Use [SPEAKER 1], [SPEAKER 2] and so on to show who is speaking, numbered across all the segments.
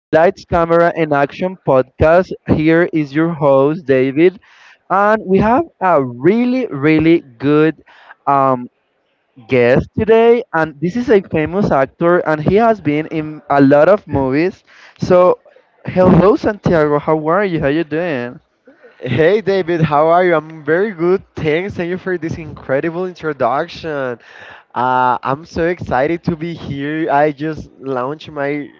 [SPEAKER 1] Lights, Camera, and Action podcast. Here is your host, David, and we have a really, really good um, guest today. And this is a famous actor, and he has been in a lot of movies. So, hello, Santiago. How are you? How you doing?
[SPEAKER 2] Hey David, how are you? I'm very good. Thanks. Thank you for this incredible introduction. I'm so excited to be here. I just launched my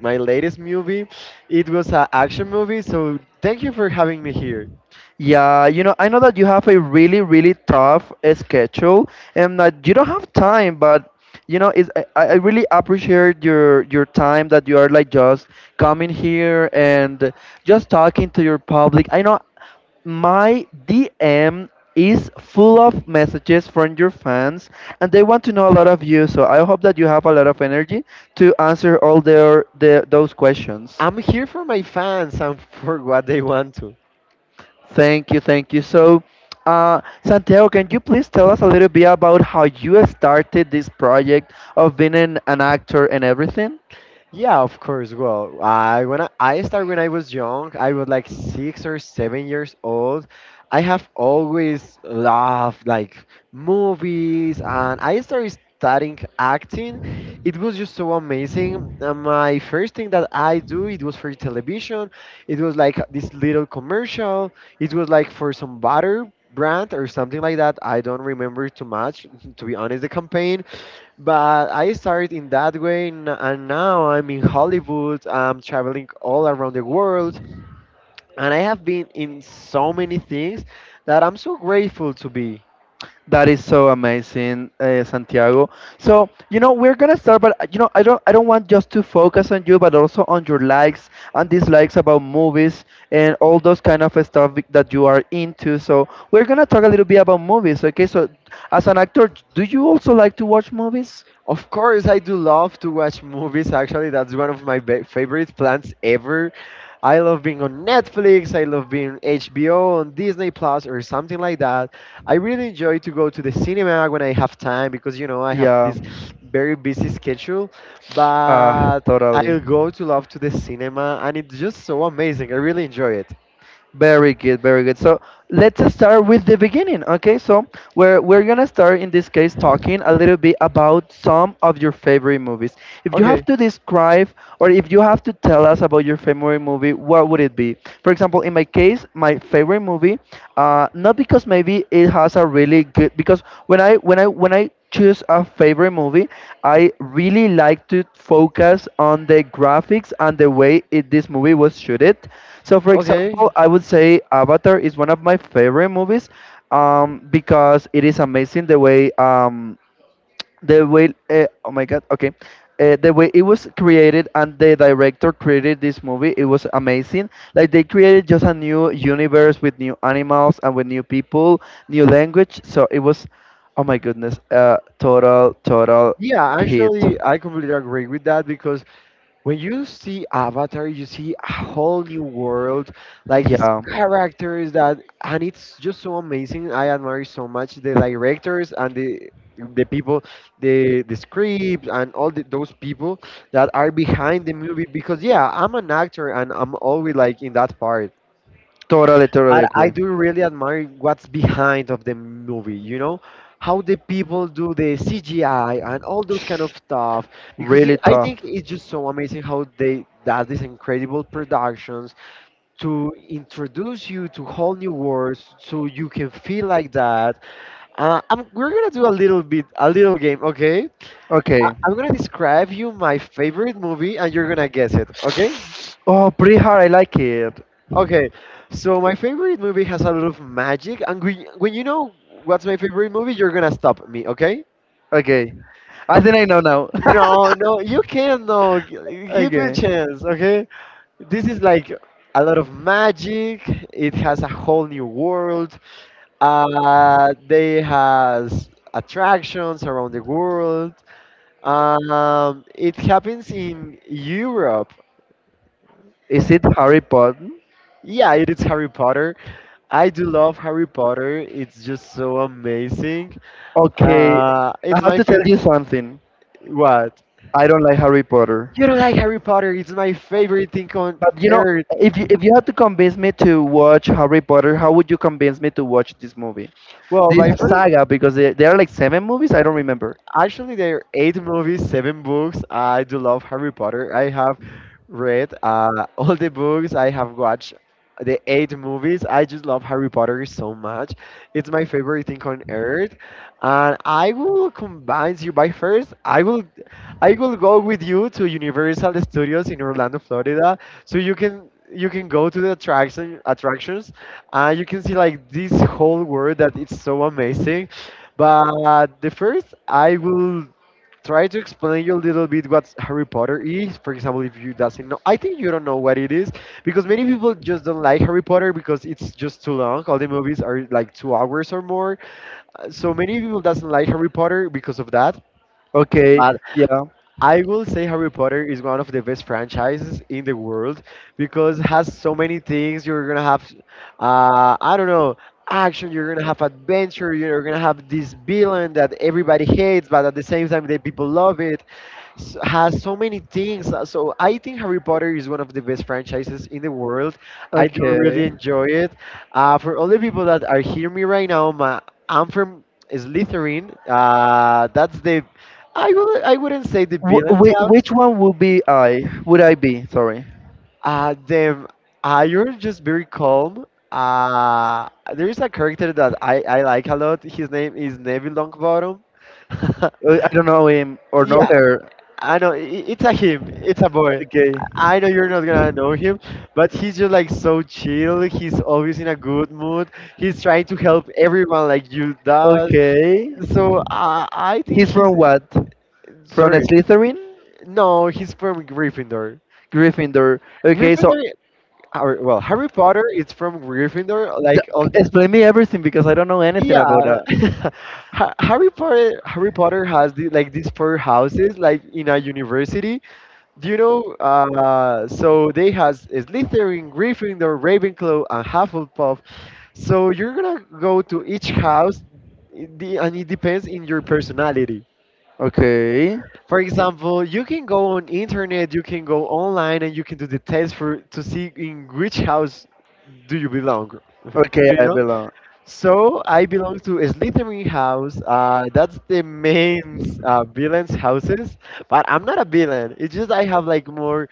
[SPEAKER 2] my latest movie. It was an action movie, so thank you for having me here.
[SPEAKER 1] Yeah, you know, I know that you have a really, really tough schedule and that you don't have time, but you know, I really appreciate your time that you are like just coming here and just talking to your public. I know my DM is full of messages from your fans, and they want to know a lot of you, so I hope that you have a lot of energy to answer all their those questions.
[SPEAKER 2] I'm here for my fans and for what they want to.
[SPEAKER 1] Thank you, thank you. So, Santiago, can you please tell us a little bit about how you started this project of being an actor and everything?
[SPEAKER 2] Yeah, of course. Well, I when I start when I was young, I was like 6 or 7 years old. I have always loved like movies, and I started studying acting. It was just so amazing. My first thing that I do, it was for television. It was like this little commercial. It was like for some butter brand or something like that. I don't remember too much, to be honest. The campaign, but I started in that way, and now I'm in Hollywood. I'm traveling all around the world, and I have been in so many things that I'm so grateful to be.
[SPEAKER 1] That is so amazing, Santiago. So, you know, we're gonna start, but you know, I don't want just to focus on you, but also on your likes and dislikes about movies and all those kind of stuff that you are into. So, we're gonna talk a little bit about movies, okay? So, as an actor, do you also like to watch movies?
[SPEAKER 2] Of course, I do love to watch movies. Actually, that's one of my favorite plans ever. I love being on Netflix. I love being HBO on Disney Plus or something like that. I really enjoy to go to the cinema when I have time because you know I have
[SPEAKER 1] Yeah,
[SPEAKER 2] this very busy schedule. But
[SPEAKER 1] totally.
[SPEAKER 2] I'll go to love to the cinema, and it's just so amazing. I really enjoy it.
[SPEAKER 1] Very good, very good. So let's start with the beginning. Okay, so we're gonna start in this case talking a little bit about some of your favorite movies. If you have
[SPEAKER 2] Okay,
[SPEAKER 1] to describe or if you have to tell us about your favorite movie, what would it be? For example, in my case, my favorite movie, not because maybe movie it has a really good because when I choose a favorite movie, I really like to focus on the graphics and the way this movie was shooted. So for
[SPEAKER 2] okay.
[SPEAKER 1] example, I would say Avatar is one of my favorite movies, because it is amazing the way, oh my god. Okay, the way it was created, and the director created this movie. It was amazing. Like, they created just a new universe with new animals and with new people, new language. So it was, oh my goodness, total total
[SPEAKER 2] Yeah,
[SPEAKER 1] hit.
[SPEAKER 2] actually, I completely agree with that because when you see Avatar, you see a whole new world, like these
[SPEAKER 1] Yeah,
[SPEAKER 2] characters that, and it's just so amazing. I admire so much the directors and the people, the script and all the, those people that are behind the movie. Because yeah, I'm an actor and I'm always like in that part,
[SPEAKER 1] totally totally
[SPEAKER 2] but I
[SPEAKER 1] agree.
[SPEAKER 2] do really admire what's behind of the movie. You know how the people do the CGI and all those kind of stuff because it,
[SPEAKER 1] Really
[SPEAKER 2] I
[SPEAKER 1] tough.
[SPEAKER 2] think it's just so amazing how they does these incredible productions to introduce you to whole new worlds so you can feel like that. We're gonna do a little game, okay?
[SPEAKER 1] Okay.
[SPEAKER 2] I'm gonna describe you my favorite movie and you're gonna guess it, okay?
[SPEAKER 1] Oh, pretty hard. I like it.
[SPEAKER 2] Okay, so my favorite movie has a lot of magic, and when you know what's my favorite movie, you're gonna stop me, okay?
[SPEAKER 1] Okay. I think I know now.
[SPEAKER 2] No, no, you can't, no. Give me a
[SPEAKER 1] Okay.
[SPEAKER 2] chance, okay? This is like a lot of magic. It has a whole new world. They has attractions around the world. It happens in Europe.
[SPEAKER 1] Is it Harry Potter?
[SPEAKER 2] Yeah, it is Harry Potter. I do love Harry Potter. It's just so amazing.
[SPEAKER 1] Okay, I
[SPEAKER 2] It's
[SPEAKER 1] have
[SPEAKER 2] my
[SPEAKER 1] to tell
[SPEAKER 2] favorite.
[SPEAKER 1] you something.
[SPEAKER 2] What?
[SPEAKER 1] I don't like Harry Potter.
[SPEAKER 2] You don't like Harry Potter? It's my favorite thing on
[SPEAKER 1] But you know,
[SPEAKER 2] earth.
[SPEAKER 1] if you had to convince me to watch Harry Potter, how would you convince me to watch this movie?
[SPEAKER 2] Well,
[SPEAKER 1] This
[SPEAKER 2] my first.
[SPEAKER 1] saga, because there are like seven movies, I don't remember.
[SPEAKER 2] Actually, there are eight movies, seven books. I do love Harry Potter. I have read all the books. I have watched the eight movies. I just love Harry Potter so much. It's my favorite thing on earth. And I will combine you by first. I will go with you to Universal Studios in Orlando, Florida, so you can go to the attractions. You can see like this whole world that it's so amazing. But the first, I will try to explain you a little bit what Harry Potter is. For example, if you doesn't know, I think you don't know what it is because many people just don't like Harry Potter because it's just too long. All the movies are like 2 hours or more, so many people doesn't like Harry Potter because of that.
[SPEAKER 1] Okay,
[SPEAKER 2] But
[SPEAKER 1] yeah.
[SPEAKER 2] I will say Harry Potter is one of the best franchises in the world because it has so many things. You're gonna have, I don't know, action. You're gonna have adventure. You're gonna have this villain that everybody hates, but at the same time, the people love it. Has so many things. So I think Harry Potter is one of the best franchises in the world. I do
[SPEAKER 1] Okay.
[SPEAKER 2] really enjoy it. For all the people that are hearing me right now, I'm from Slytherin. That's the, I would. I wouldn't say the villain's house.
[SPEAKER 1] Which one would be I? Would I be? Sorry.
[SPEAKER 2] Then You're just very calm. There is a character that I like a lot. His name is Neville Longbottom.
[SPEAKER 1] I don't know him or know
[SPEAKER 2] Yeah,
[SPEAKER 1] her.
[SPEAKER 2] I know. It's a him. It's a boy.
[SPEAKER 1] Okay.
[SPEAKER 2] I know you're not gonna know him, but he's just like so chill. He's always in a good mood. He's trying to help everyone like you does.
[SPEAKER 1] Okay.
[SPEAKER 2] So I think
[SPEAKER 1] He's from
[SPEAKER 2] he's.
[SPEAKER 1] what? From
[SPEAKER 2] Sorry.
[SPEAKER 1] Slytherin?
[SPEAKER 2] No, he's from Gryffindor.
[SPEAKER 1] Gryffindor. Okay, so
[SPEAKER 2] Gryffindor, or, well, Harry Potter is from Gryffindor. Like
[SPEAKER 1] D-
[SPEAKER 2] all the.
[SPEAKER 1] explain me everything because I don't know anything about
[SPEAKER 2] yeah,
[SPEAKER 1] that.
[SPEAKER 2] Harry Potter. Harry Potter has the, like these four houses like in a university. Do you know? So they has Slytherin, Gryffindor, Ravenclaw, and Hufflepuff. So you're gonna go to each house, and it depends in your personality.
[SPEAKER 1] Okay.
[SPEAKER 2] For example, you can go on internet, you can go online, and you can do the test for to see in which house do you belong.
[SPEAKER 1] Okay,
[SPEAKER 2] Do you
[SPEAKER 1] I
[SPEAKER 2] know?
[SPEAKER 1] belong.
[SPEAKER 2] So I belong to a Slytherin house. That's the main villains' houses, but I'm not a villain. It's just I have like more.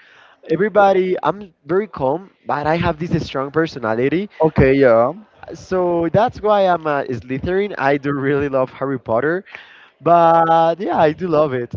[SPEAKER 2] Everybody, I'm very calm, but I have this strong personality.
[SPEAKER 1] Okay, yeah.
[SPEAKER 2] So that's why I'm a Slytherin. I do really love Harry Potter, but yeah, I do love it.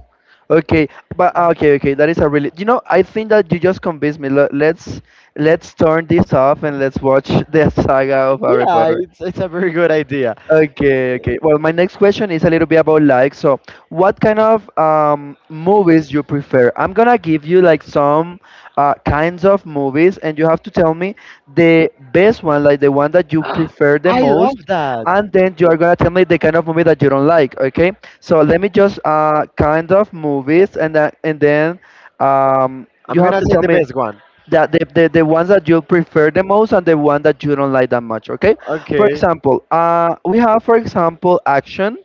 [SPEAKER 1] Okay, but ah, okay, okay. That is a really. You know, I think that you just convinced me. Let's turn this off and let's watch the saga of Harry
[SPEAKER 2] Yeah,
[SPEAKER 1] Potter.
[SPEAKER 2] it's a very good idea.
[SPEAKER 1] Okay, okay. Well, my next question is a little bit about like, so what kind of movies you prefer? I'm gonna give you like some kinds of movies, and you have to tell me the best one, like the one that you prefer the
[SPEAKER 2] I love
[SPEAKER 1] most,
[SPEAKER 2] that.
[SPEAKER 1] and then you are gonna tell me the kind of movie that you don't like. Okay? So let me just kind of movies, and that, and then um,
[SPEAKER 2] I'm
[SPEAKER 1] you have
[SPEAKER 2] gonna
[SPEAKER 1] to
[SPEAKER 2] say
[SPEAKER 1] tell
[SPEAKER 2] the
[SPEAKER 1] me,
[SPEAKER 2] best one.
[SPEAKER 1] yeah, the ones that you prefer the most and the one that you don't like that much, okay? For
[SPEAKER 2] Okay,
[SPEAKER 1] example, we have, for example, action,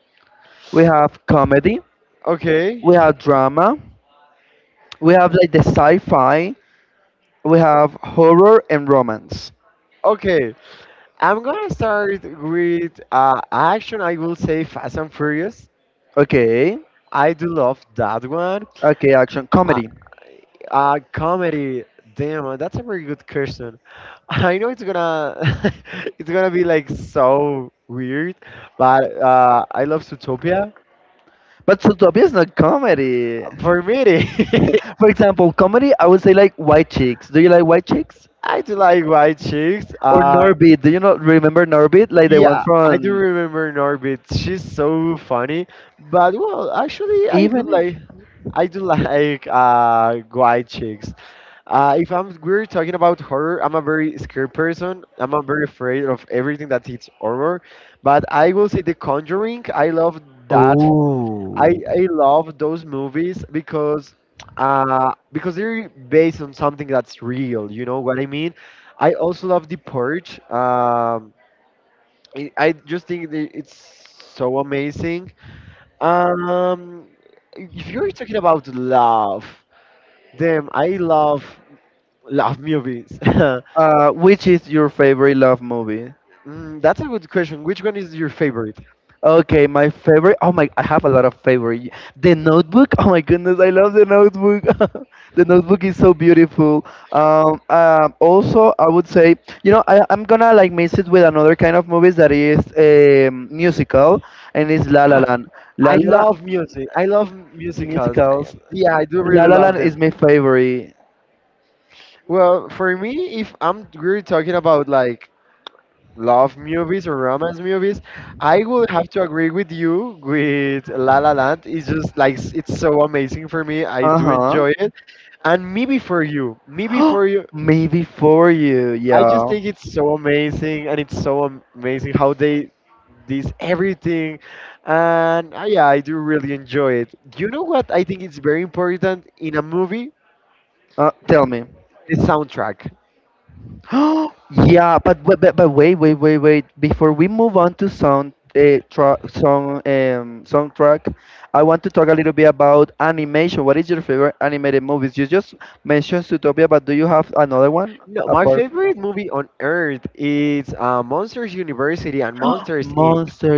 [SPEAKER 1] we have comedy, we
[SPEAKER 2] okay,
[SPEAKER 1] have drama, we have like the sci-fi, we have horror and romance.
[SPEAKER 2] okay. I'm gonna start with action. I will say Fast and Furious.
[SPEAKER 1] Okay,
[SPEAKER 2] I do love that one.
[SPEAKER 1] okay, action,
[SPEAKER 2] Uh,
[SPEAKER 1] comedy.
[SPEAKER 2] Comedy. Damn, that's a very good question. I know it's gonna it's gonna be like so weird, but I love Zootopia.
[SPEAKER 1] But Zootopia is not comedy.
[SPEAKER 2] For me,
[SPEAKER 1] For example, comedy, I would say like White Chicks. Do you like White Chicks?
[SPEAKER 2] I do like White Chicks.
[SPEAKER 1] Or Norbit. Do you not remember Norbit? Like the one
[SPEAKER 2] Yeah, I do
[SPEAKER 1] from
[SPEAKER 2] remember Norbit. She's so funny. But well, actually,
[SPEAKER 1] even if...
[SPEAKER 2] I do like White Chicks. If I'm we're talking about horror, I'm a very scared person. I'm a very afraid of everything that it's horror. But I will say The Conjuring. I love that. I
[SPEAKER 1] Oh.
[SPEAKER 2] I love those movies because because they're based on something that's real. You know what I mean? I also love The Purge. I just think that it's so amazing. Um, if you're talking about love, damn, I love love movies.
[SPEAKER 1] Which is your favorite love movie?
[SPEAKER 2] Mm, that's a good question. Which one is your favorite?
[SPEAKER 1] Okay, my favorite. Oh my, I have a lot of favorite. The Notebook. Oh my goodness, I love The Notebook. The Notebook is so beautiful. Also, I would say, you know, I, I'm gonna like mix it with another kind of movies that is musical, and it's La La Land. La
[SPEAKER 2] I
[SPEAKER 1] La La
[SPEAKER 2] love music. I love musicals.
[SPEAKER 1] musicals.
[SPEAKER 2] Yeah, I do
[SPEAKER 1] La
[SPEAKER 2] really
[SPEAKER 1] La
[SPEAKER 2] love
[SPEAKER 1] Land is
[SPEAKER 2] them.
[SPEAKER 1] my favorite.
[SPEAKER 2] Well, for me, if I'm really talking about like love movies or romance movies, I would have to agree with you with La La Land. It's just like it's so amazing for me. I do
[SPEAKER 1] Uh
[SPEAKER 2] enjoy it. And Me Before You. Me
[SPEAKER 1] huh.
[SPEAKER 2] Before You.
[SPEAKER 1] Maybe for you,
[SPEAKER 2] I just
[SPEAKER 1] yeah.
[SPEAKER 2] think it's so amazing, and it's so amazing how they this everything, and yeah, I do really enjoy it. Do you know what I think is very important in a movie?
[SPEAKER 1] Tell me.
[SPEAKER 2] The soundtrack.
[SPEAKER 1] Yeah, but, wait, wait. Before we move on to sound tra- song soundtrack, I want to talk a little bit about animation. What is your favorite animated movies? You just mentioned Zootopia, but do you have another one
[SPEAKER 2] No, my
[SPEAKER 1] apart from...
[SPEAKER 2] favorite movie on earth is Monsters University and Monsters Inc.
[SPEAKER 1] Monster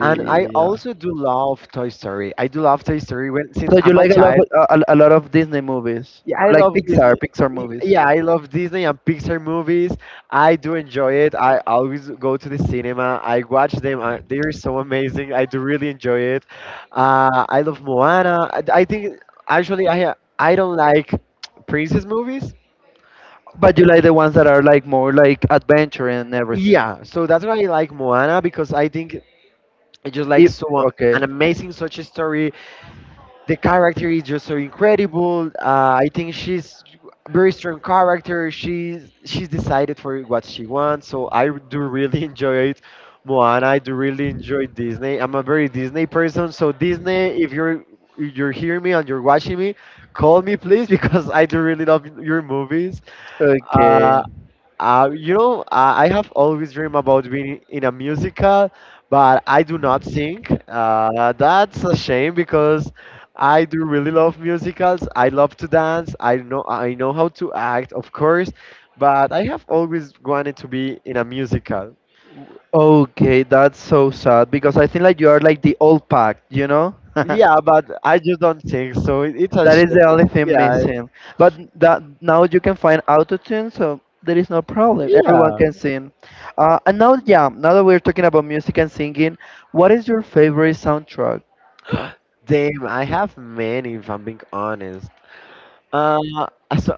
[SPEAKER 2] And I
[SPEAKER 1] Yeah.
[SPEAKER 2] also do love Toy Story. I do love Toy Story when, since
[SPEAKER 1] So you
[SPEAKER 2] I'm a
[SPEAKER 1] like a lot
[SPEAKER 2] child.
[SPEAKER 1] of, a lot of Disney movies,
[SPEAKER 2] Yeah, I
[SPEAKER 1] like
[SPEAKER 2] love Disney.
[SPEAKER 1] Pixar movies,
[SPEAKER 2] Yeah, I love Disney and Pixar movies. I do enjoy it. I always go to the cinema. I watch them. They are so amazing. I do really enjoy it. I love Moana. I think actually I don't like princess movies.
[SPEAKER 1] but you like the ones that are like more like adventure and everything.
[SPEAKER 2] Yeah, so that's why I like Moana because I think it's just like
[SPEAKER 1] If,
[SPEAKER 2] so an
[SPEAKER 1] okay,
[SPEAKER 2] amazing such a story. The character is just so incredible. I think she's. Very strong character. She's decided for what she wants. So I do really enjoy it. Moana, I do really enjoy Disney. I'm a very Disney person. So Disney, if you're hearing me and you're watching me, call me please because I do really love your movies.
[SPEAKER 1] okay.
[SPEAKER 2] Uh, you know, I have always dreamed about being in a musical, but I do not sing. That's a shame because I do really love musicals. I love to dance. I know how to act, of course, but I have always wanted to be in a musical.
[SPEAKER 1] Okay, that's so sad because I think like you are like the old pack, you know?
[SPEAKER 2] Yeah, but I just don't sing, so it's a
[SPEAKER 1] That is
[SPEAKER 2] shame.
[SPEAKER 1] the only thing
[SPEAKER 2] Yeah,
[SPEAKER 1] missing. But that now you can find autotune, so there is no problem. Everyone
[SPEAKER 2] yeah.
[SPEAKER 1] can sing. And now, yeah, now that we're talking about music and singing, what is your favorite soundtrack?
[SPEAKER 2] Damn, I have many, if I'm being honest. Uh, so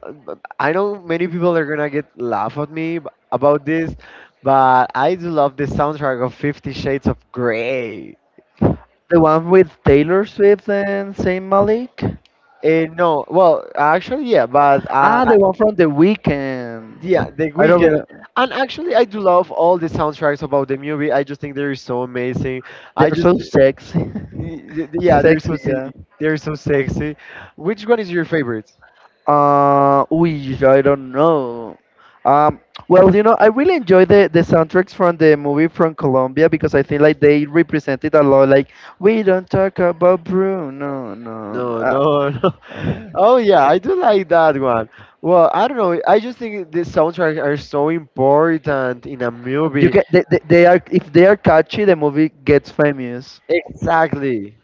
[SPEAKER 2] I know many people are gonna get laugh at me about this, but I do love the soundtrack of Fifty Shades of Grey.
[SPEAKER 1] The one with Taylor Swift and Saint Malik?
[SPEAKER 2] Eh, no, well, actually, yeah, but
[SPEAKER 1] Ah,
[SPEAKER 2] I-
[SPEAKER 1] the one from The Weekend.
[SPEAKER 2] yeah, The
[SPEAKER 1] I don't
[SPEAKER 2] weekend,
[SPEAKER 1] remember.
[SPEAKER 2] and actually, I do love all the soundtracks about the movie. I just think they're so amazing. I
[SPEAKER 1] They're so
[SPEAKER 2] just,
[SPEAKER 1] sexy.
[SPEAKER 2] y- y- yeah, they're so
[SPEAKER 1] Sexy, yeah.
[SPEAKER 2] they're so sexy. Which one is your favorite?
[SPEAKER 1] Ooh, I don't know. Um, well, you know, I really enjoy the soundtracks from the movie from Colombia because I think like they represented a lot. Like we don't talk about Bruno, no, no.
[SPEAKER 2] No, no, no. Oh yeah, I do like that one. Well, I don't know. I just think the soundtracks are so important in a
[SPEAKER 1] You
[SPEAKER 2] movie.
[SPEAKER 1] get they are if they are catchy, the movie gets famous.
[SPEAKER 2] Exactly.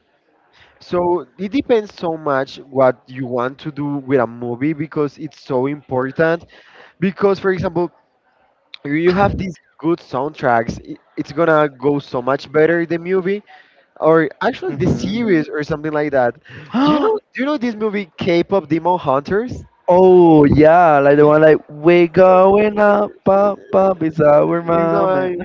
[SPEAKER 2] So it depends so much what you want to do with a movie because it's so important. Because for example, you have these good soundtracks, it's gonna go so much better the movie or actually the
[SPEAKER 1] Mm-hmm.
[SPEAKER 2] series or something like that. Do you know? Do you know this movie K-pop Demon Hunters?
[SPEAKER 1] Oh yeah, like the one like we going up, up, up is our
[SPEAKER 2] You know,
[SPEAKER 1] moment.
[SPEAKER 2] I-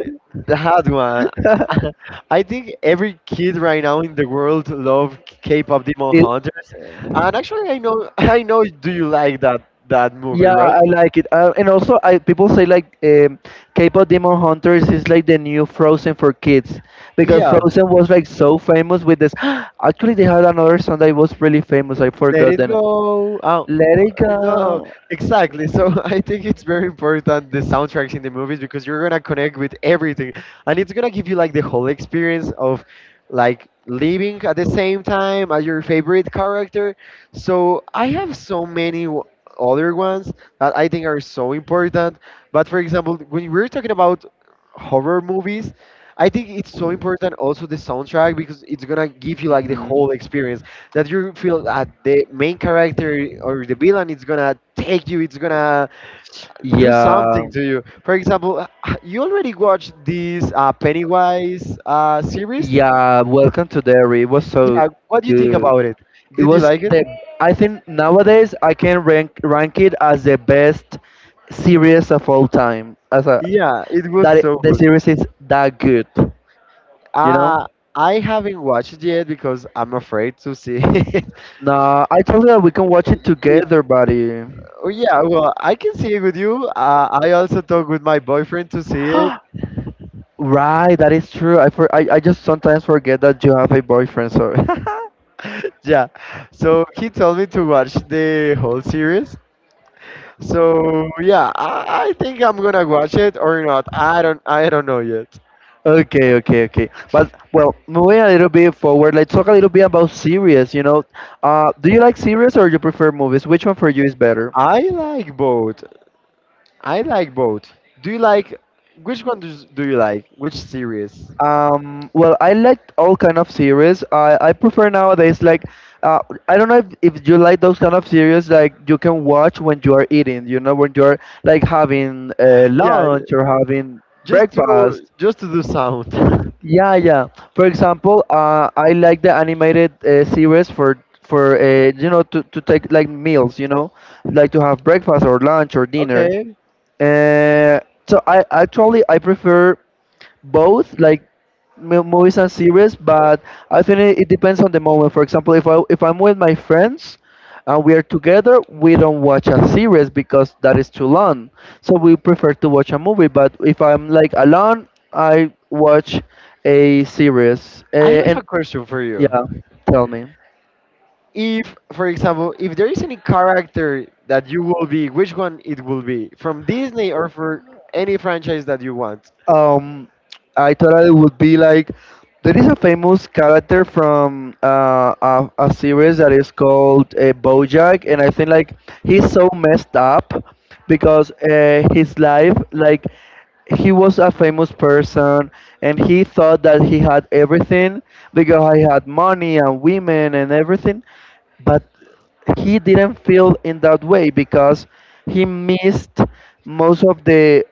[SPEAKER 2] that one. I think every kid right now in the world love K-pop Demon
[SPEAKER 1] It-
[SPEAKER 2] Hunters, and actually, I know, I know, do you like that movie,
[SPEAKER 1] Yeah,
[SPEAKER 2] right?
[SPEAKER 1] I like it. And also, I people say like K-pop Demon Hunters is like the new Frozen for kids because
[SPEAKER 2] Yeah.
[SPEAKER 1] Frozen was like so famous with this. Actually, they had another song that was really famous. I
[SPEAKER 2] Let
[SPEAKER 1] forgot the
[SPEAKER 2] it go. Oh,
[SPEAKER 1] Let It
[SPEAKER 2] no,
[SPEAKER 1] Go.
[SPEAKER 2] exactly. So I think it's very important the soundtracks in the movies because you're gonna connect with everything, and it's gonna give you like the whole experience of like living at the same time as your favorite character. So I have other ones that I think are so important. But for example, when we're talking about horror movies, I think it's so important also the soundtrack because it's gonna give you like the
[SPEAKER 1] Hmm.
[SPEAKER 2] whole experience that you feel that the main character or the villain is gonna take you, it's gonna do
[SPEAKER 1] Yeah,
[SPEAKER 2] something to you. For example, you already watched this Pennywise series.
[SPEAKER 1] yeah. Welcome to Derry. It was so
[SPEAKER 2] Yeah, what do you think
[SPEAKER 1] good.
[SPEAKER 2] about it?
[SPEAKER 1] It
[SPEAKER 2] Did you
[SPEAKER 1] was
[SPEAKER 2] like it?
[SPEAKER 1] the. I think nowadays I can rank it as the best series of all time. As a
[SPEAKER 2] Yeah, it was
[SPEAKER 1] that
[SPEAKER 2] so
[SPEAKER 1] it, the
[SPEAKER 2] good.
[SPEAKER 1] series is that good, you know?
[SPEAKER 2] Uh, I haven't watched it yet because I'm afraid to see it.
[SPEAKER 1] Nah, I told you that we can watch it
[SPEAKER 2] Yeah,
[SPEAKER 1] together, buddy.
[SPEAKER 2] oh, yeah, well, I can see it with you. I also talked with my boyfriend to see it.
[SPEAKER 1] Right, that is true. I, for, I just sometimes forget that you have a boyfriend. So
[SPEAKER 2] Yeah, so he told me to watch the whole series. So yeah, I think I'm gonna watch it or not. I don't know yet.
[SPEAKER 1] okay, okay, okay. But well, moving a little bit forward, let's talk a little bit about series. You know, do you like series or you prefer movies? Which one for you is better?
[SPEAKER 2] I like both. I like both. Do you like do you like? Which series?
[SPEAKER 1] Well, I liked all kind of series. I prefer nowadays like, uh, I don't know if you like those kind of series like you can watch when you are eating, you know, when you are like having
[SPEAKER 2] Yeah,
[SPEAKER 1] lunch or having breakfast.
[SPEAKER 2] just to do sound.
[SPEAKER 1] Yeah, yeah. For example, I like the animated series for you know, to take like meals, you know, like to have breakfast or lunch or dinner.
[SPEAKER 2] Okay.
[SPEAKER 1] Uh, so I actually I prefer both like movies and series, but I think it depends on the moment. For example, if I'm with my friends and we are together, we don't watch a series because that is too long, so we prefer to watch a movie. But if I'm like alone, I watch a series,
[SPEAKER 2] I have
[SPEAKER 1] and
[SPEAKER 2] a question for you.
[SPEAKER 1] yeah, tell me.
[SPEAKER 2] If, for example, if there is any character that you will be, which one it will be from Disney or for any franchise that you want?
[SPEAKER 1] Um, I thought it would be like, there is a famous character from a series that is called BoJack, and I think like he's so messed up because his life, like he was a famous person and he thought that he had everything because he had money and women and everything, but he didn't feel in that way because he missed most of the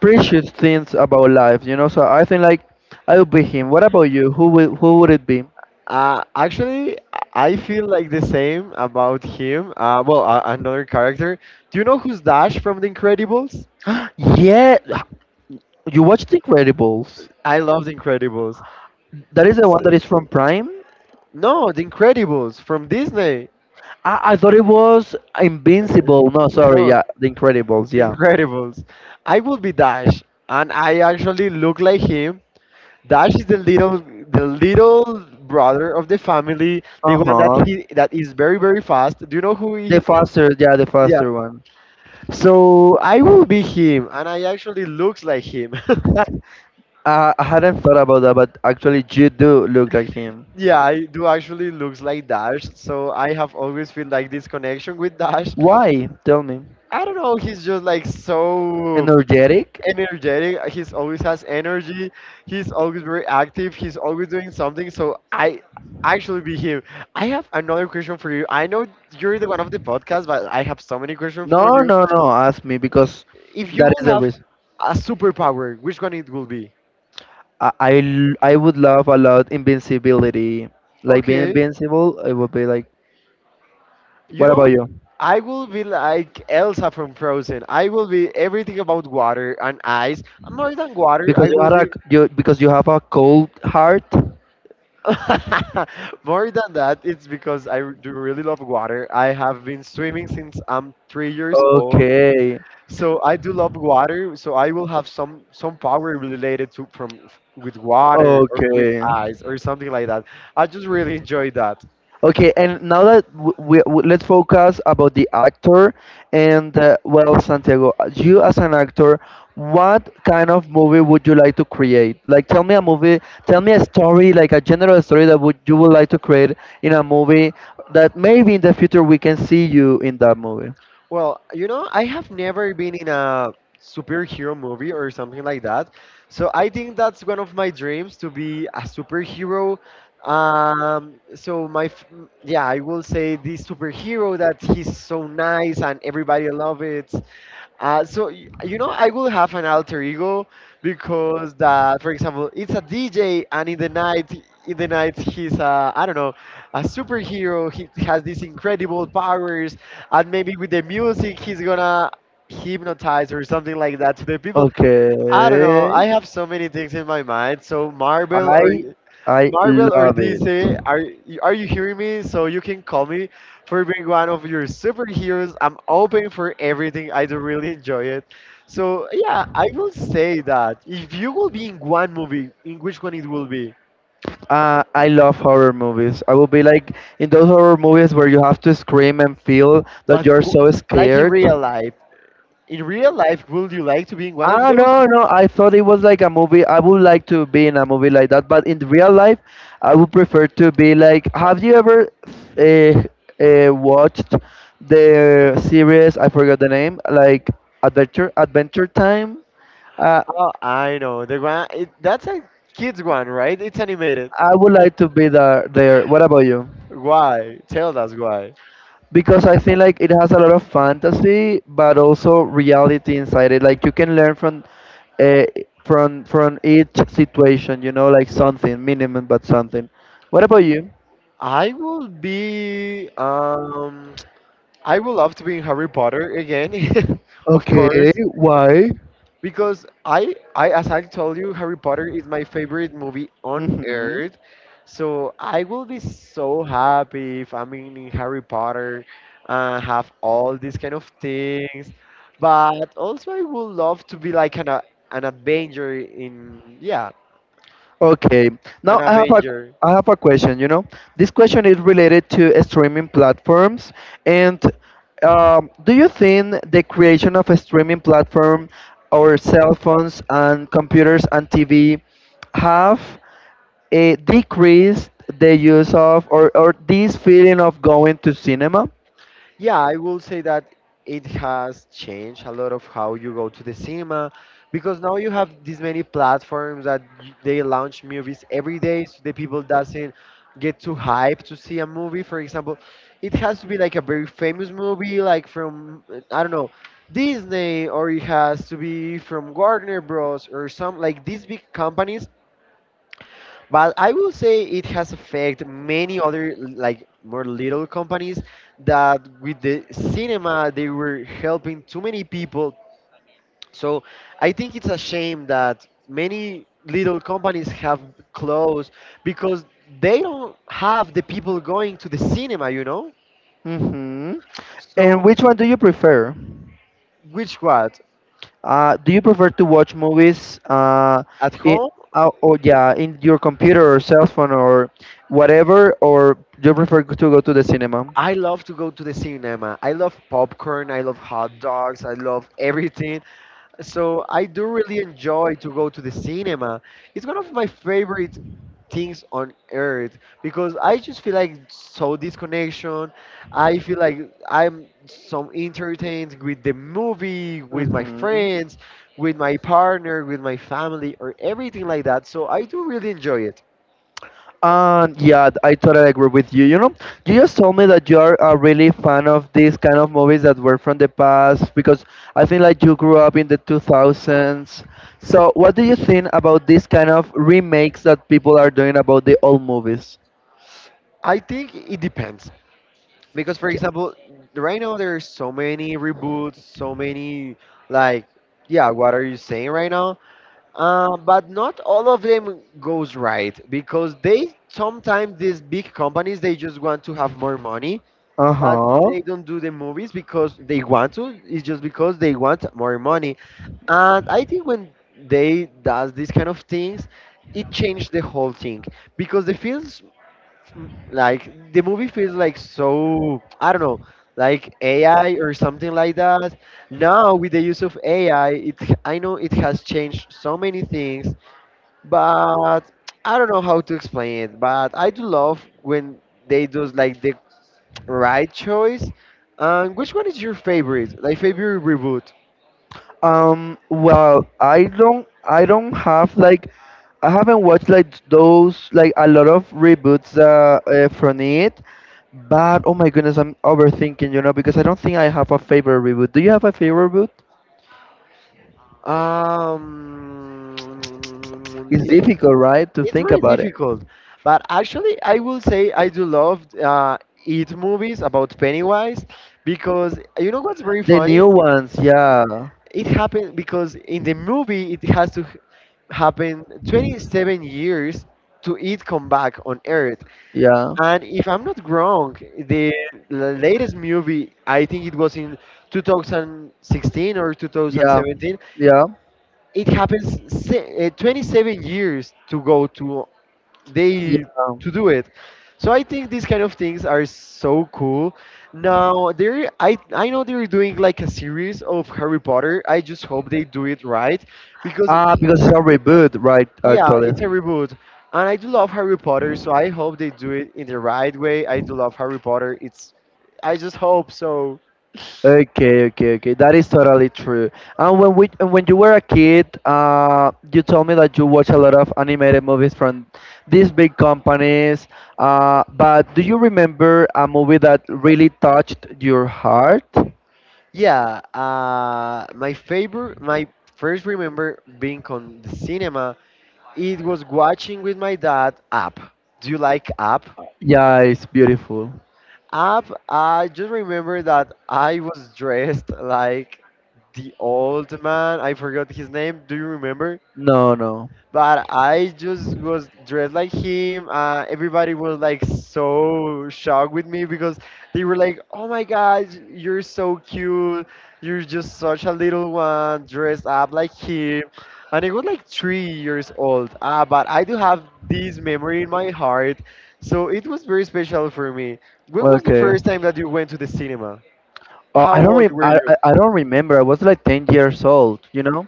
[SPEAKER 1] precious things about life, you know. So I think like I would be him. What about you? Who would it be?
[SPEAKER 2] Actually, I feel like the same about him. Well, another character. Do you know who's Dash from The Incredibles?
[SPEAKER 1] Yeah, you watched The Incredibles.
[SPEAKER 2] I love The Incredibles.
[SPEAKER 1] That is the
[SPEAKER 2] S-
[SPEAKER 1] one that is from Prime.
[SPEAKER 2] No, The Incredibles from Disney.
[SPEAKER 1] I thought it was Invincible. No, sorry.
[SPEAKER 2] No,
[SPEAKER 1] Yeah, The Incredibles.
[SPEAKER 2] The
[SPEAKER 1] Yeah.
[SPEAKER 2] Incredibles. I will be Dash, and I actually look like him. Dash is the little brother of the family, the
[SPEAKER 1] Uh
[SPEAKER 2] one
[SPEAKER 1] huh.
[SPEAKER 2] that is very very fast. Do you know who
[SPEAKER 1] The
[SPEAKER 2] he?
[SPEAKER 1] faster. Yeah, the
[SPEAKER 2] Yeah.
[SPEAKER 1] faster one.
[SPEAKER 2] So I will be him, and I actually looks like him.
[SPEAKER 1] Uh, I hadn't thought about that, but actually, you do look like him.
[SPEAKER 2] Yeah, I do actually looks like Dash, so I have always feel like this connection with Dash.
[SPEAKER 1] Why? Tell me.
[SPEAKER 2] I don't know, he's just like so
[SPEAKER 1] Energetic?
[SPEAKER 2] energetic. He's always has energy. He's always very active. He's always doing something. So I actually be him. I have another question for you. I know you're the one of the podcast, but I have so many questions
[SPEAKER 1] No,
[SPEAKER 2] for you.
[SPEAKER 1] no, no. Ask me because
[SPEAKER 2] If you
[SPEAKER 1] that
[SPEAKER 2] will
[SPEAKER 1] is the
[SPEAKER 2] have
[SPEAKER 1] reason.
[SPEAKER 2] a superpower, which one it will be?
[SPEAKER 1] I would love a lot invincibility. Like being
[SPEAKER 2] Okay.
[SPEAKER 1] invincible, it would be like.
[SPEAKER 2] You
[SPEAKER 1] What
[SPEAKER 2] know,
[SPEAKER 1] about you?
[SPEAKER 2] I will be like Elsa from Frozen. I will be everything about water and ice. More than water, I
[SPEAKER 1] Because you
[SPEAKER 2] will
[SPEAKER 1] are a
[SPEAKER 2] be.
[SPEAKER 1] you because you have a cold heart.
[SPEAKER 2] More than that, it's because do really love water. I have been swimming since I'm 3 years old,
[SPEAKER 1] Okay,
[SPEAKER 2] so I do love water. So I will have some power related to from with water or with
[SPEAKER 1] okay.
[SPEAKER 2] ice or something like that. I just really enjoy that.
[SPEAKER 1] Okay, and now that w we, w let's focus about the actor and well, Santiago, you as an actor, what kind of movie would you like to create? Like, tell me a movie, tell me a story, like a general story that would you would like to create in a movie that maybe in the future we can see you in that movie.
[SPEAKER 2] Well, you know, I have never been in a superhero movie or something like that. So I think that's one of my dreams to be a superhero. Um, so my, f- yeah, I will say the superhero that he's so nice and everybody love it. You know, I will have an alter ego because that, for example, it's a DJ, and in the night, he's a, I don't know, a superhero. He has these incredible powers, and maybe with the music, he's gonna hypnotize or something like that to the people. I don't know.
[SPEAKER 1] Okay,
[SPEAKER 2] I have so many things in my mind. So
[SPEAKER 1] I I
[SPEAKER 2] Marvel or
[SPEAKER 1] love it.
[SPEAKER 2] DC, are you hearing me? So you can call me for being one of your superheroes. I'm open for everything. I do really enjoy it. So yeah, I will say that if you will be in one movie, in which one it will be?
[SPEAKER 1] I love horror movies. I will be like in those horror movies where you have to scream and feel that
[SPEAKER 2] But
[SPEAKER 1] you're
[SPEAKER 2] who-
[SPEAKER 1] so
[SPEAKER 2] like
[SPEAKER 1] scared.
[SPEAKER 2] in real life, would you like to be in one of
[SPEAKER 1] Ah,
[SPEAKER 2] those?
[SPEAKER 1] no, no. I thought it was like a movie. I would like to be in a movie like that, but in real life, I would prefer to be like. Have you ever uh, watched the series? I forgot the name. Like Adventure Time. Uh,
[SPEAKER 2] Oh, I know the one. It, that's a kids one, right? It's animated.
[SPEAKER 1] I would like to be there. There. What about you?
[SPEAKER 2] Why? Tell us why.
[SPEAKER 1] Because I think like it has a lot of fantasy, but also reality inside it. Like you can learn from, uh, from each situation. You know, like something minimum, but something. What about you?
[SPEAKER 2] I will be. I would love to be in Harry Potter again, of
[SPEAKER 1] Okay,
[SPEAKER 2] course,
[SPEAKER 1] why?
[SPEAKER 2] because I, as I told you, Harry Potter is my favorite movie on
[SPEAKER 1] Mm-hmm.
[SPEAKER 2] earth. So I will be so happy if I'm in Harry Potter, have all these kind of things. But also, I would love to be like an Avenger in yeah,
[SPEAKER 1] Okay.
[SPEAKER 2] an
[SPEAKER 1] Now I have a
[SPEAKER 2] Avenger.
[SPEAKER 1] I have a question, you know. This question is related to streaming platforms and do you think the creation of a streaming platform or cell phones and computers and TV have a decreased the use of or this feeling of going to cinema?
[SPEAKER 2] Yeah, I will say that it has changed a lot of how you go to the cinema because now you have these many platforms that they launch movies every day so the people doesn't get too hyped to see a movie. For example, it has to be like a very famous movie like from I don't know, Disney or it has to be from Warner Bros or some like these big companies, but I will say it has affected many other like more little companies that with the cinema they were helping too many people. So I think it's a shame that many little companies have closed because they don't have the people going to the cinema, you know?
[SPEAKER 1] Hmm. And
[SPEAKER 2] So
[SPEAKER 1] which one do you prefer?
[SPEAKER 2] which what?
[SPEAKER 1] Do you prefer to watch movies
[SPEAKER 2] At
[SPEAKER 1] in,
[SPEAKER 2] home.
[SPEAKER 1] oh yeah, in your computer or cell phone or whatever, or do you prefer to go to the cinema?
[SPEAKER 2] I love to go to the cinema. I love popcorn, I love hot dogs, I love everything. So I do really enjoy to go to the cinema. It's one of my favorite things on earth because I just feel like so disconnection. I feel like I'm so entertained with the movie, with my
[SPEAKER 1] Hmm.
[SPEAKER 2] friends, with my partner, with my family, or everything like that. So I do really enjoy it.
[SPEAKER 1] Yeah, I totally agree with you. You know, you just told me that you're a really fan of these kind of movies that were from the past because I think like you grew up in the 2000s. So, what do you think about these kind of remakes that people are doing about the old movies?
[SPEAKER 2] I think it depends because, for example, right now there are so many reboots, so many like yeah, what are you saying right now? But not all of them goes right because they sometimes these big companies they just want to have more money,
[SPEAKER 1] Uh
[SPEAKER 2] but
[SPEAKER 1] huh.
[SPEAKER 2] they don't do the movies because they want to. It's just because they want more money, and I think when they does these kind of things, it changed the whole thing because the films like the movie feels like so I don't know, like AI or something like that. Now with the use of AI, it I know it has changed so many things, but I don't know how to explain it. But I do love when they do like the right choice. And which one is your favorite? Like favorite reboot?
[SPEAKER 1] Well, I don't have like, I haven't watched like those like a lot of reboots from it, but oh my goodness, I'm overthinking, you know, because I don't think I have a favorite reboot. Do you have a favorite reboot?
[SPEAKER 2] Um,
[SPEAKER 1] It's difficult, right, to
[SPEAKER 2] It's
[SPEAKER 1] think
[SPEAKER 2] very
[SPEAKER 1] about it.
[SPEAKER 2] difficult, but actually, I will say I do love it movies about Pennywise because you know what's very
[SPEAKER 1] The
[SPEAKER 2] funny?
[SPEAKER 1] new ones, yeah,
[SPEAKER 2] It happened because in the movie it has happen 27 years to it come back on Earth,
[SPEAKER 1] yeah,
[SPEAKER 2] and if I'm not wrong, the latest movie I think it was in 2016 or
[SPEAKER 1] yeah,
[SPEAKER 2] 2017.
[SPEAKER 1] yeah,
[SPEAKER 2] It happens 27 years to go to they
[SPEAKER 1] yeah.
[SPEAKER 2] to do it. So I think these kind of things are so cool. Now there, I know they're doing like a series of Harry Potter. I just hope they do it right because,
[SPEAKER 1] Ah, because it's a reboot, right?
[SPEAKER 2] yeah,
[SPEAKER 1] Actually.
[SPEAKER 2] it's a reboot, and I do love Harry Potter. So I hope they do it in the right way. I do love Harry Potter. It's, I just hope so.
[SPEAKER 1] Okay, okay, okay. That is totally true. And when you were a kid, you told me that you watch a lot of animated movies from these big companies. But do you remember a movie that really touched your heart?
[SPEAKER 2] Yeah, my favorite, my first remember being on the cinema. It was watching with my dad Up. Do you like Up?
[SPEAKER 1] Yeah, it's beautiful.
[SPEAKER 2] Up, I just remember that I was dressed like the old man. I forgot his name. Do you remember?
[SPEAKER 1] No, no.
[SPEAKER 2] But I just was dressed like him. Everybody was like so shocked with me because they were like, "Oh my God, you're so cute! You're just such a little one, dressed up like him." And I was like 3 years old. Ah, but I do have this memory in my heart, so it was very special for me. When was the
[SPEAKER 1] Okay.
[SPEAKER 2] first time that you went to the cinema? How old were you?
[SPEAKER 1] I don't remember. I was like 10 years old, you know?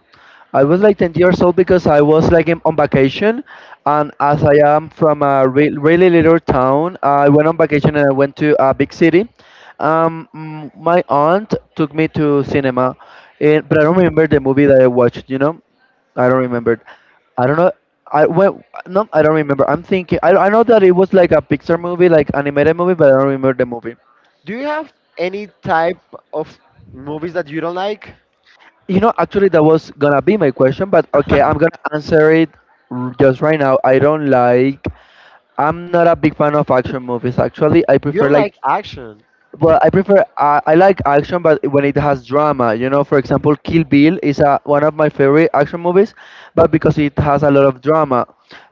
[SPEAKER 1] I was like 10 years old because I was like on vacation and as I am from a really little town, I went on vacation and I went to a big city. My aunt took me to cinema, and, but I don't remember the movie that I watched, you know? I don't remember. I don't know. I well, no, I don't remember. I'm thinking. I know that it was like a Pixar movie, like animated movie, but I don't remember the movie.
[SPEAKER 2] Do you have any type of movies that you don't like?
[SPEAKER 1] You know, actually, that was gonna be my question, but okay, I'm gonna answer it just right now. I don't like. I'm not a big fan of action movies. Actually, I
[SPEAKER 2] You
[SPEAKER 1] prefer
[SPEAKER 2] don't
[SPEAKER 1] like
[SPEAKER 2] like action.
[SPEAKER 1] I like action, but when it has drama, you know, for example, Kill Bill is a, one of my favorite action movies, but because it has a lot of drama.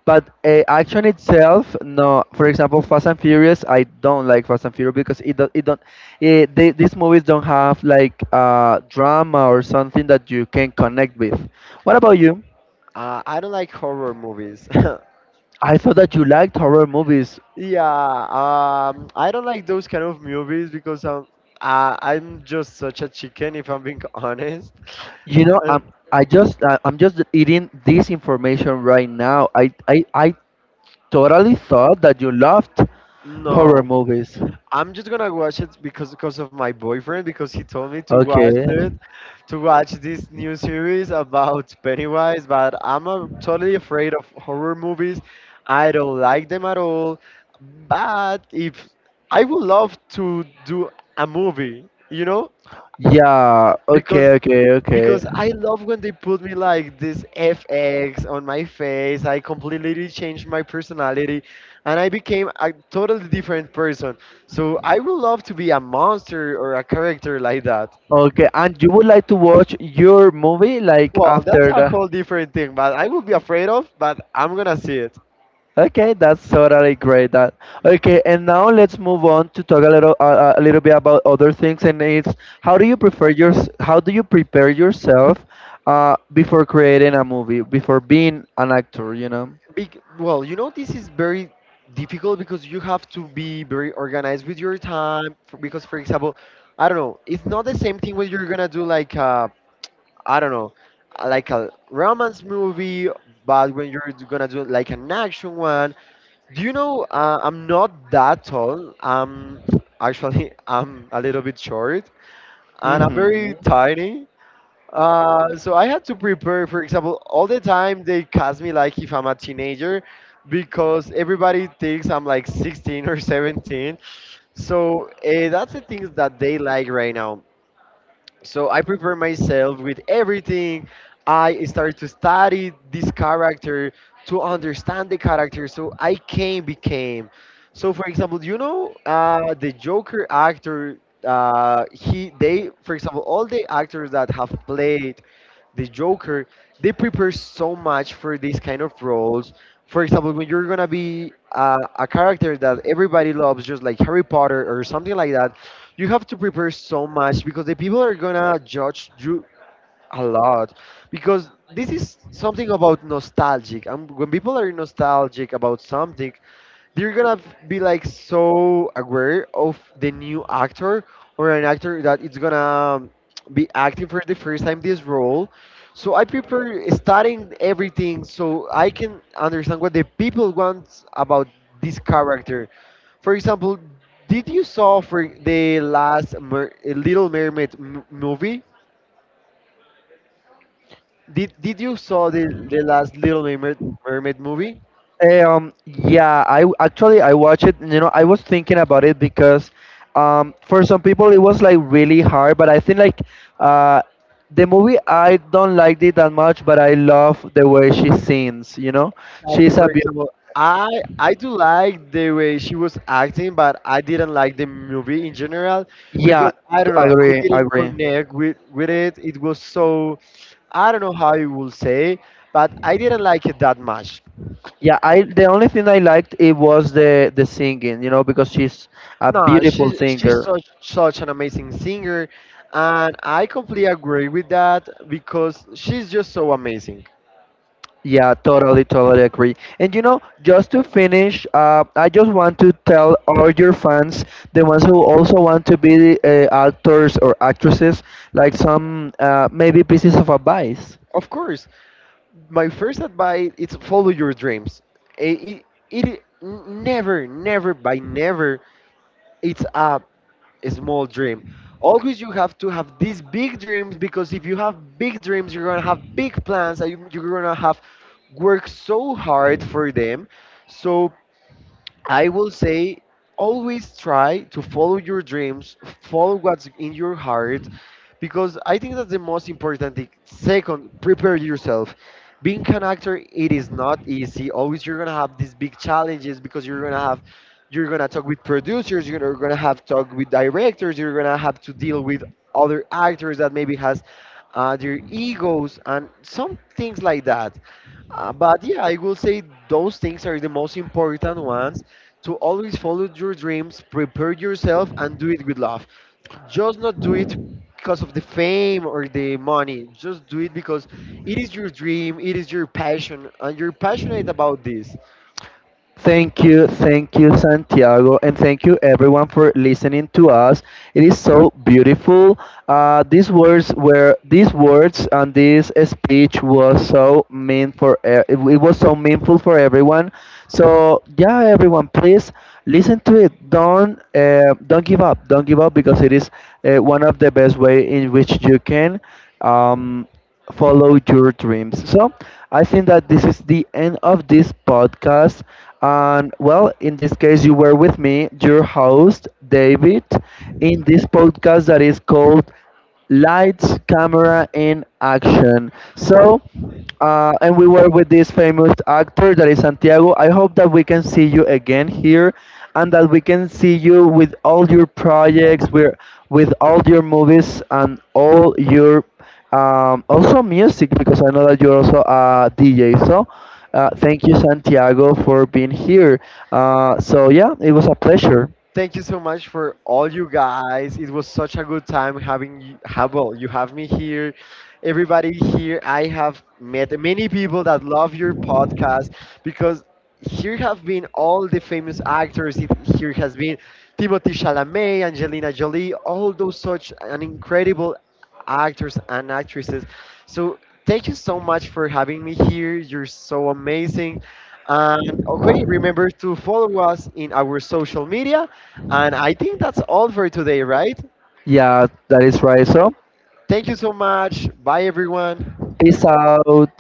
[SPEAKER 1] But action itself, no. For example, Fast and Furious, I don't like Fast and Furious because it don't these movies don't have like drama or something that you can connect with. What about you?
[SPEAKER 2] I don't like horror movies.
[SPEAKER 1] I thought that you liked horror movies.
[SPEAKER 2] Yeah, I don't like those kind of movies because I'm just such a chicken, if I'm being honest.
[SPEAKER 1] You know,
[SPEAKER 2] Uh,
[SPEAKER 1] I'm just eating this information right now. I totally thought that you loved horror
[SPEAKER 2] no,
[SPEAKER 1] movies.
[SPEAKER 2] I'm just gonna watch it because of my boyfriend because he told me to watch
[SPEAKER 1] Okay.
[SPEAKER 2] it, to watch this new series about Pennywise. But I'm totally afraid of horror movies. I don't like them at all. But if I would love to do a movie, you know,
[SPEAKER 1] Yeah.
[SPEAKER 2] because
[SPEAKER 1] Okay. Okay. Okay.
[SPEAKER 2] because I love when they put me like this FX on my face. I completely changed my personality and I became a totally different person. So I would love to be a monster or a character like that.
[SPEAKER 1] Okay. And you would like to watch your movie like
[SPEAKER 2] Well, that's
[SPEAKER 1] after
[SPEAKER 2] a
[SPEAKER 1] the.
[SPEAKER 2] whole different thing, but I would be afraid of, but I'm gonna see it.
[SPEAKER 1] Okay, that's totally great. That okay. And now let's move on to talk a little bit about other things. And it's how do you prefer your how do you prepare yourself before creating a movie before being an actor? You know.
[SPEAKER 2] Well, you know, this is very difficult because you have to be very organized with your time. Because, for example, I don't know, it's not the same thing when you're gonna do like a I don't know, like a romance movie, but when you're gonna do like an action one, do you know? I'm not that tall. I'm actually I'm a little bit short, and I'm
[SPEAKER 1] Mm-hmm.
[SPEAKER 2] very tiny. So I had to prepare. For example, all the time they cast me like if I'm a teenager, because everybody thinks I'm like 16 or 17. So that's the things that they like right now. So I prepare myself with everything. I start to study this character to understand the character. So I can became. So for example, you know, the Joker actor. He they for example all the actors that have played the Joker, they prepare so much for these kind of roles. For example, when you're gonna be a character that everybody loves, just like Harry Potter or something like that, you have to prepare so much because the people are gonna judge you a lot because this is something about nostalgic, and when people are nostalgic about something they're gonna be like so aware of the new actor or an actor that it's gonna be acting for the first time this role. So I prefer studying everything so I can understand what the people want about this character. For example, did you saw for the last Mer- little mermaid m- movie did you saw the last Little Mermaid movie?
[SPEAKER 1] Yeah, actually I watched it. You know, I was thinking about it because, for some people it was like really hard, but I think like, uh, the movie I don't like it that much, but I love the way she sings. You know,
[SPEAKER 2] Exactly.
[SPEAKER 1] she's a
[SPEAKER 2] For
[SPEAKER 1] beautiful.
[SPEAKER 2] example, I I do like the way she was acting, but I didn't like the movie in general
[SPEAKER 1] Yeah,
[SPEAKER 2] because I don't know, I
[SPEAKER 1] agree,
[SPEAKER 2] didn't
[SPEAKER 1] agree.
[SPEAKER 2] connect with it. It was so I don't know how you will say, but I didn't like it that much.
[SPEAKER 1] Yeah, I the only thing I liked it was the singing. You know, because she's a
[SPEAKER 2] No,
[SPEAKER 1] beautiful
[SPEAKER 2] she she's
[SPEAKER 1] singer.
[SPEAKER 2] such such an amazing singer, and I completely agree with that because she's just so amazing.
[SPEAKER 1] Yeah, totally, totally agree. And you know, just to finish, I just want to tell all your fans, the ones who also want to be actors or actresses, like some maybe pieces of advice.
[SPEAKER 2] Of course. My first advice is follow your dreams. It, it, Never, never, by never, it's a, a small dream. Always you have to have these big dreams because if you have big dreams, you're gonna have big plans and you're gonna have worked so hard for them. So I will say always try to follow your dreams, follow what's in your heart, because I think that's the most important thing. Second, prepare yourself. Being an actor, it is not easy. Always you're gonna have these big challenges because you're gonna talk with producers, you're gonna have talk with directors, you're gonna have to deal with other actors that maybe has their egos and some things like that. But yeah, I will say those things are the most important ones, to always follow your dreams, prepare yourself, and do it with love. Just not do it because of the fame or the money. Just do it because it is your dream, it is your passion, and you're passionate about this.
[SPEAKER 1] Thank you, Santiago, and thank you everyone for listening to us. It is so beautiful. These words and this speech was it it was so meaningful for everyone. So yeah, everyone, please listen to it. Don't give up. Don't give up because it is one of the best way in which you can. Um, follow your dreams. So I think that this is the end of this podcast. And well, in this case, you were with me, your host, David, in this podcast that is called Lights, Camera, and Action. So, and we were with this famous actor that is Santiago. I hope that we can see you again here and that we can see you with all your projects, with all your movies and all your also music, because I know that you're also a DJ. So thank you, Santiago, for being here. So yeah, it was a pleasure.
[SPEAKER 2] Thank you so much for all you guys. It was such a good time having you, have well, you have me here. Everybody here, I have met many people that love your podcast because here have been all the famous actors. It- Here has been Timothy Chalamet, Angelina Jolie, all those such an incredible actors and actresses. So thank you so much for having me here. You're so amazing. And okay, remember to follow us in our social media. And I think that's all for today, right?
[SPEAKER 1] Yeah, that is right. So
[SPEAKER 2] Thank you so much. Bye, everyone.
[SPEAKER 1] peace out.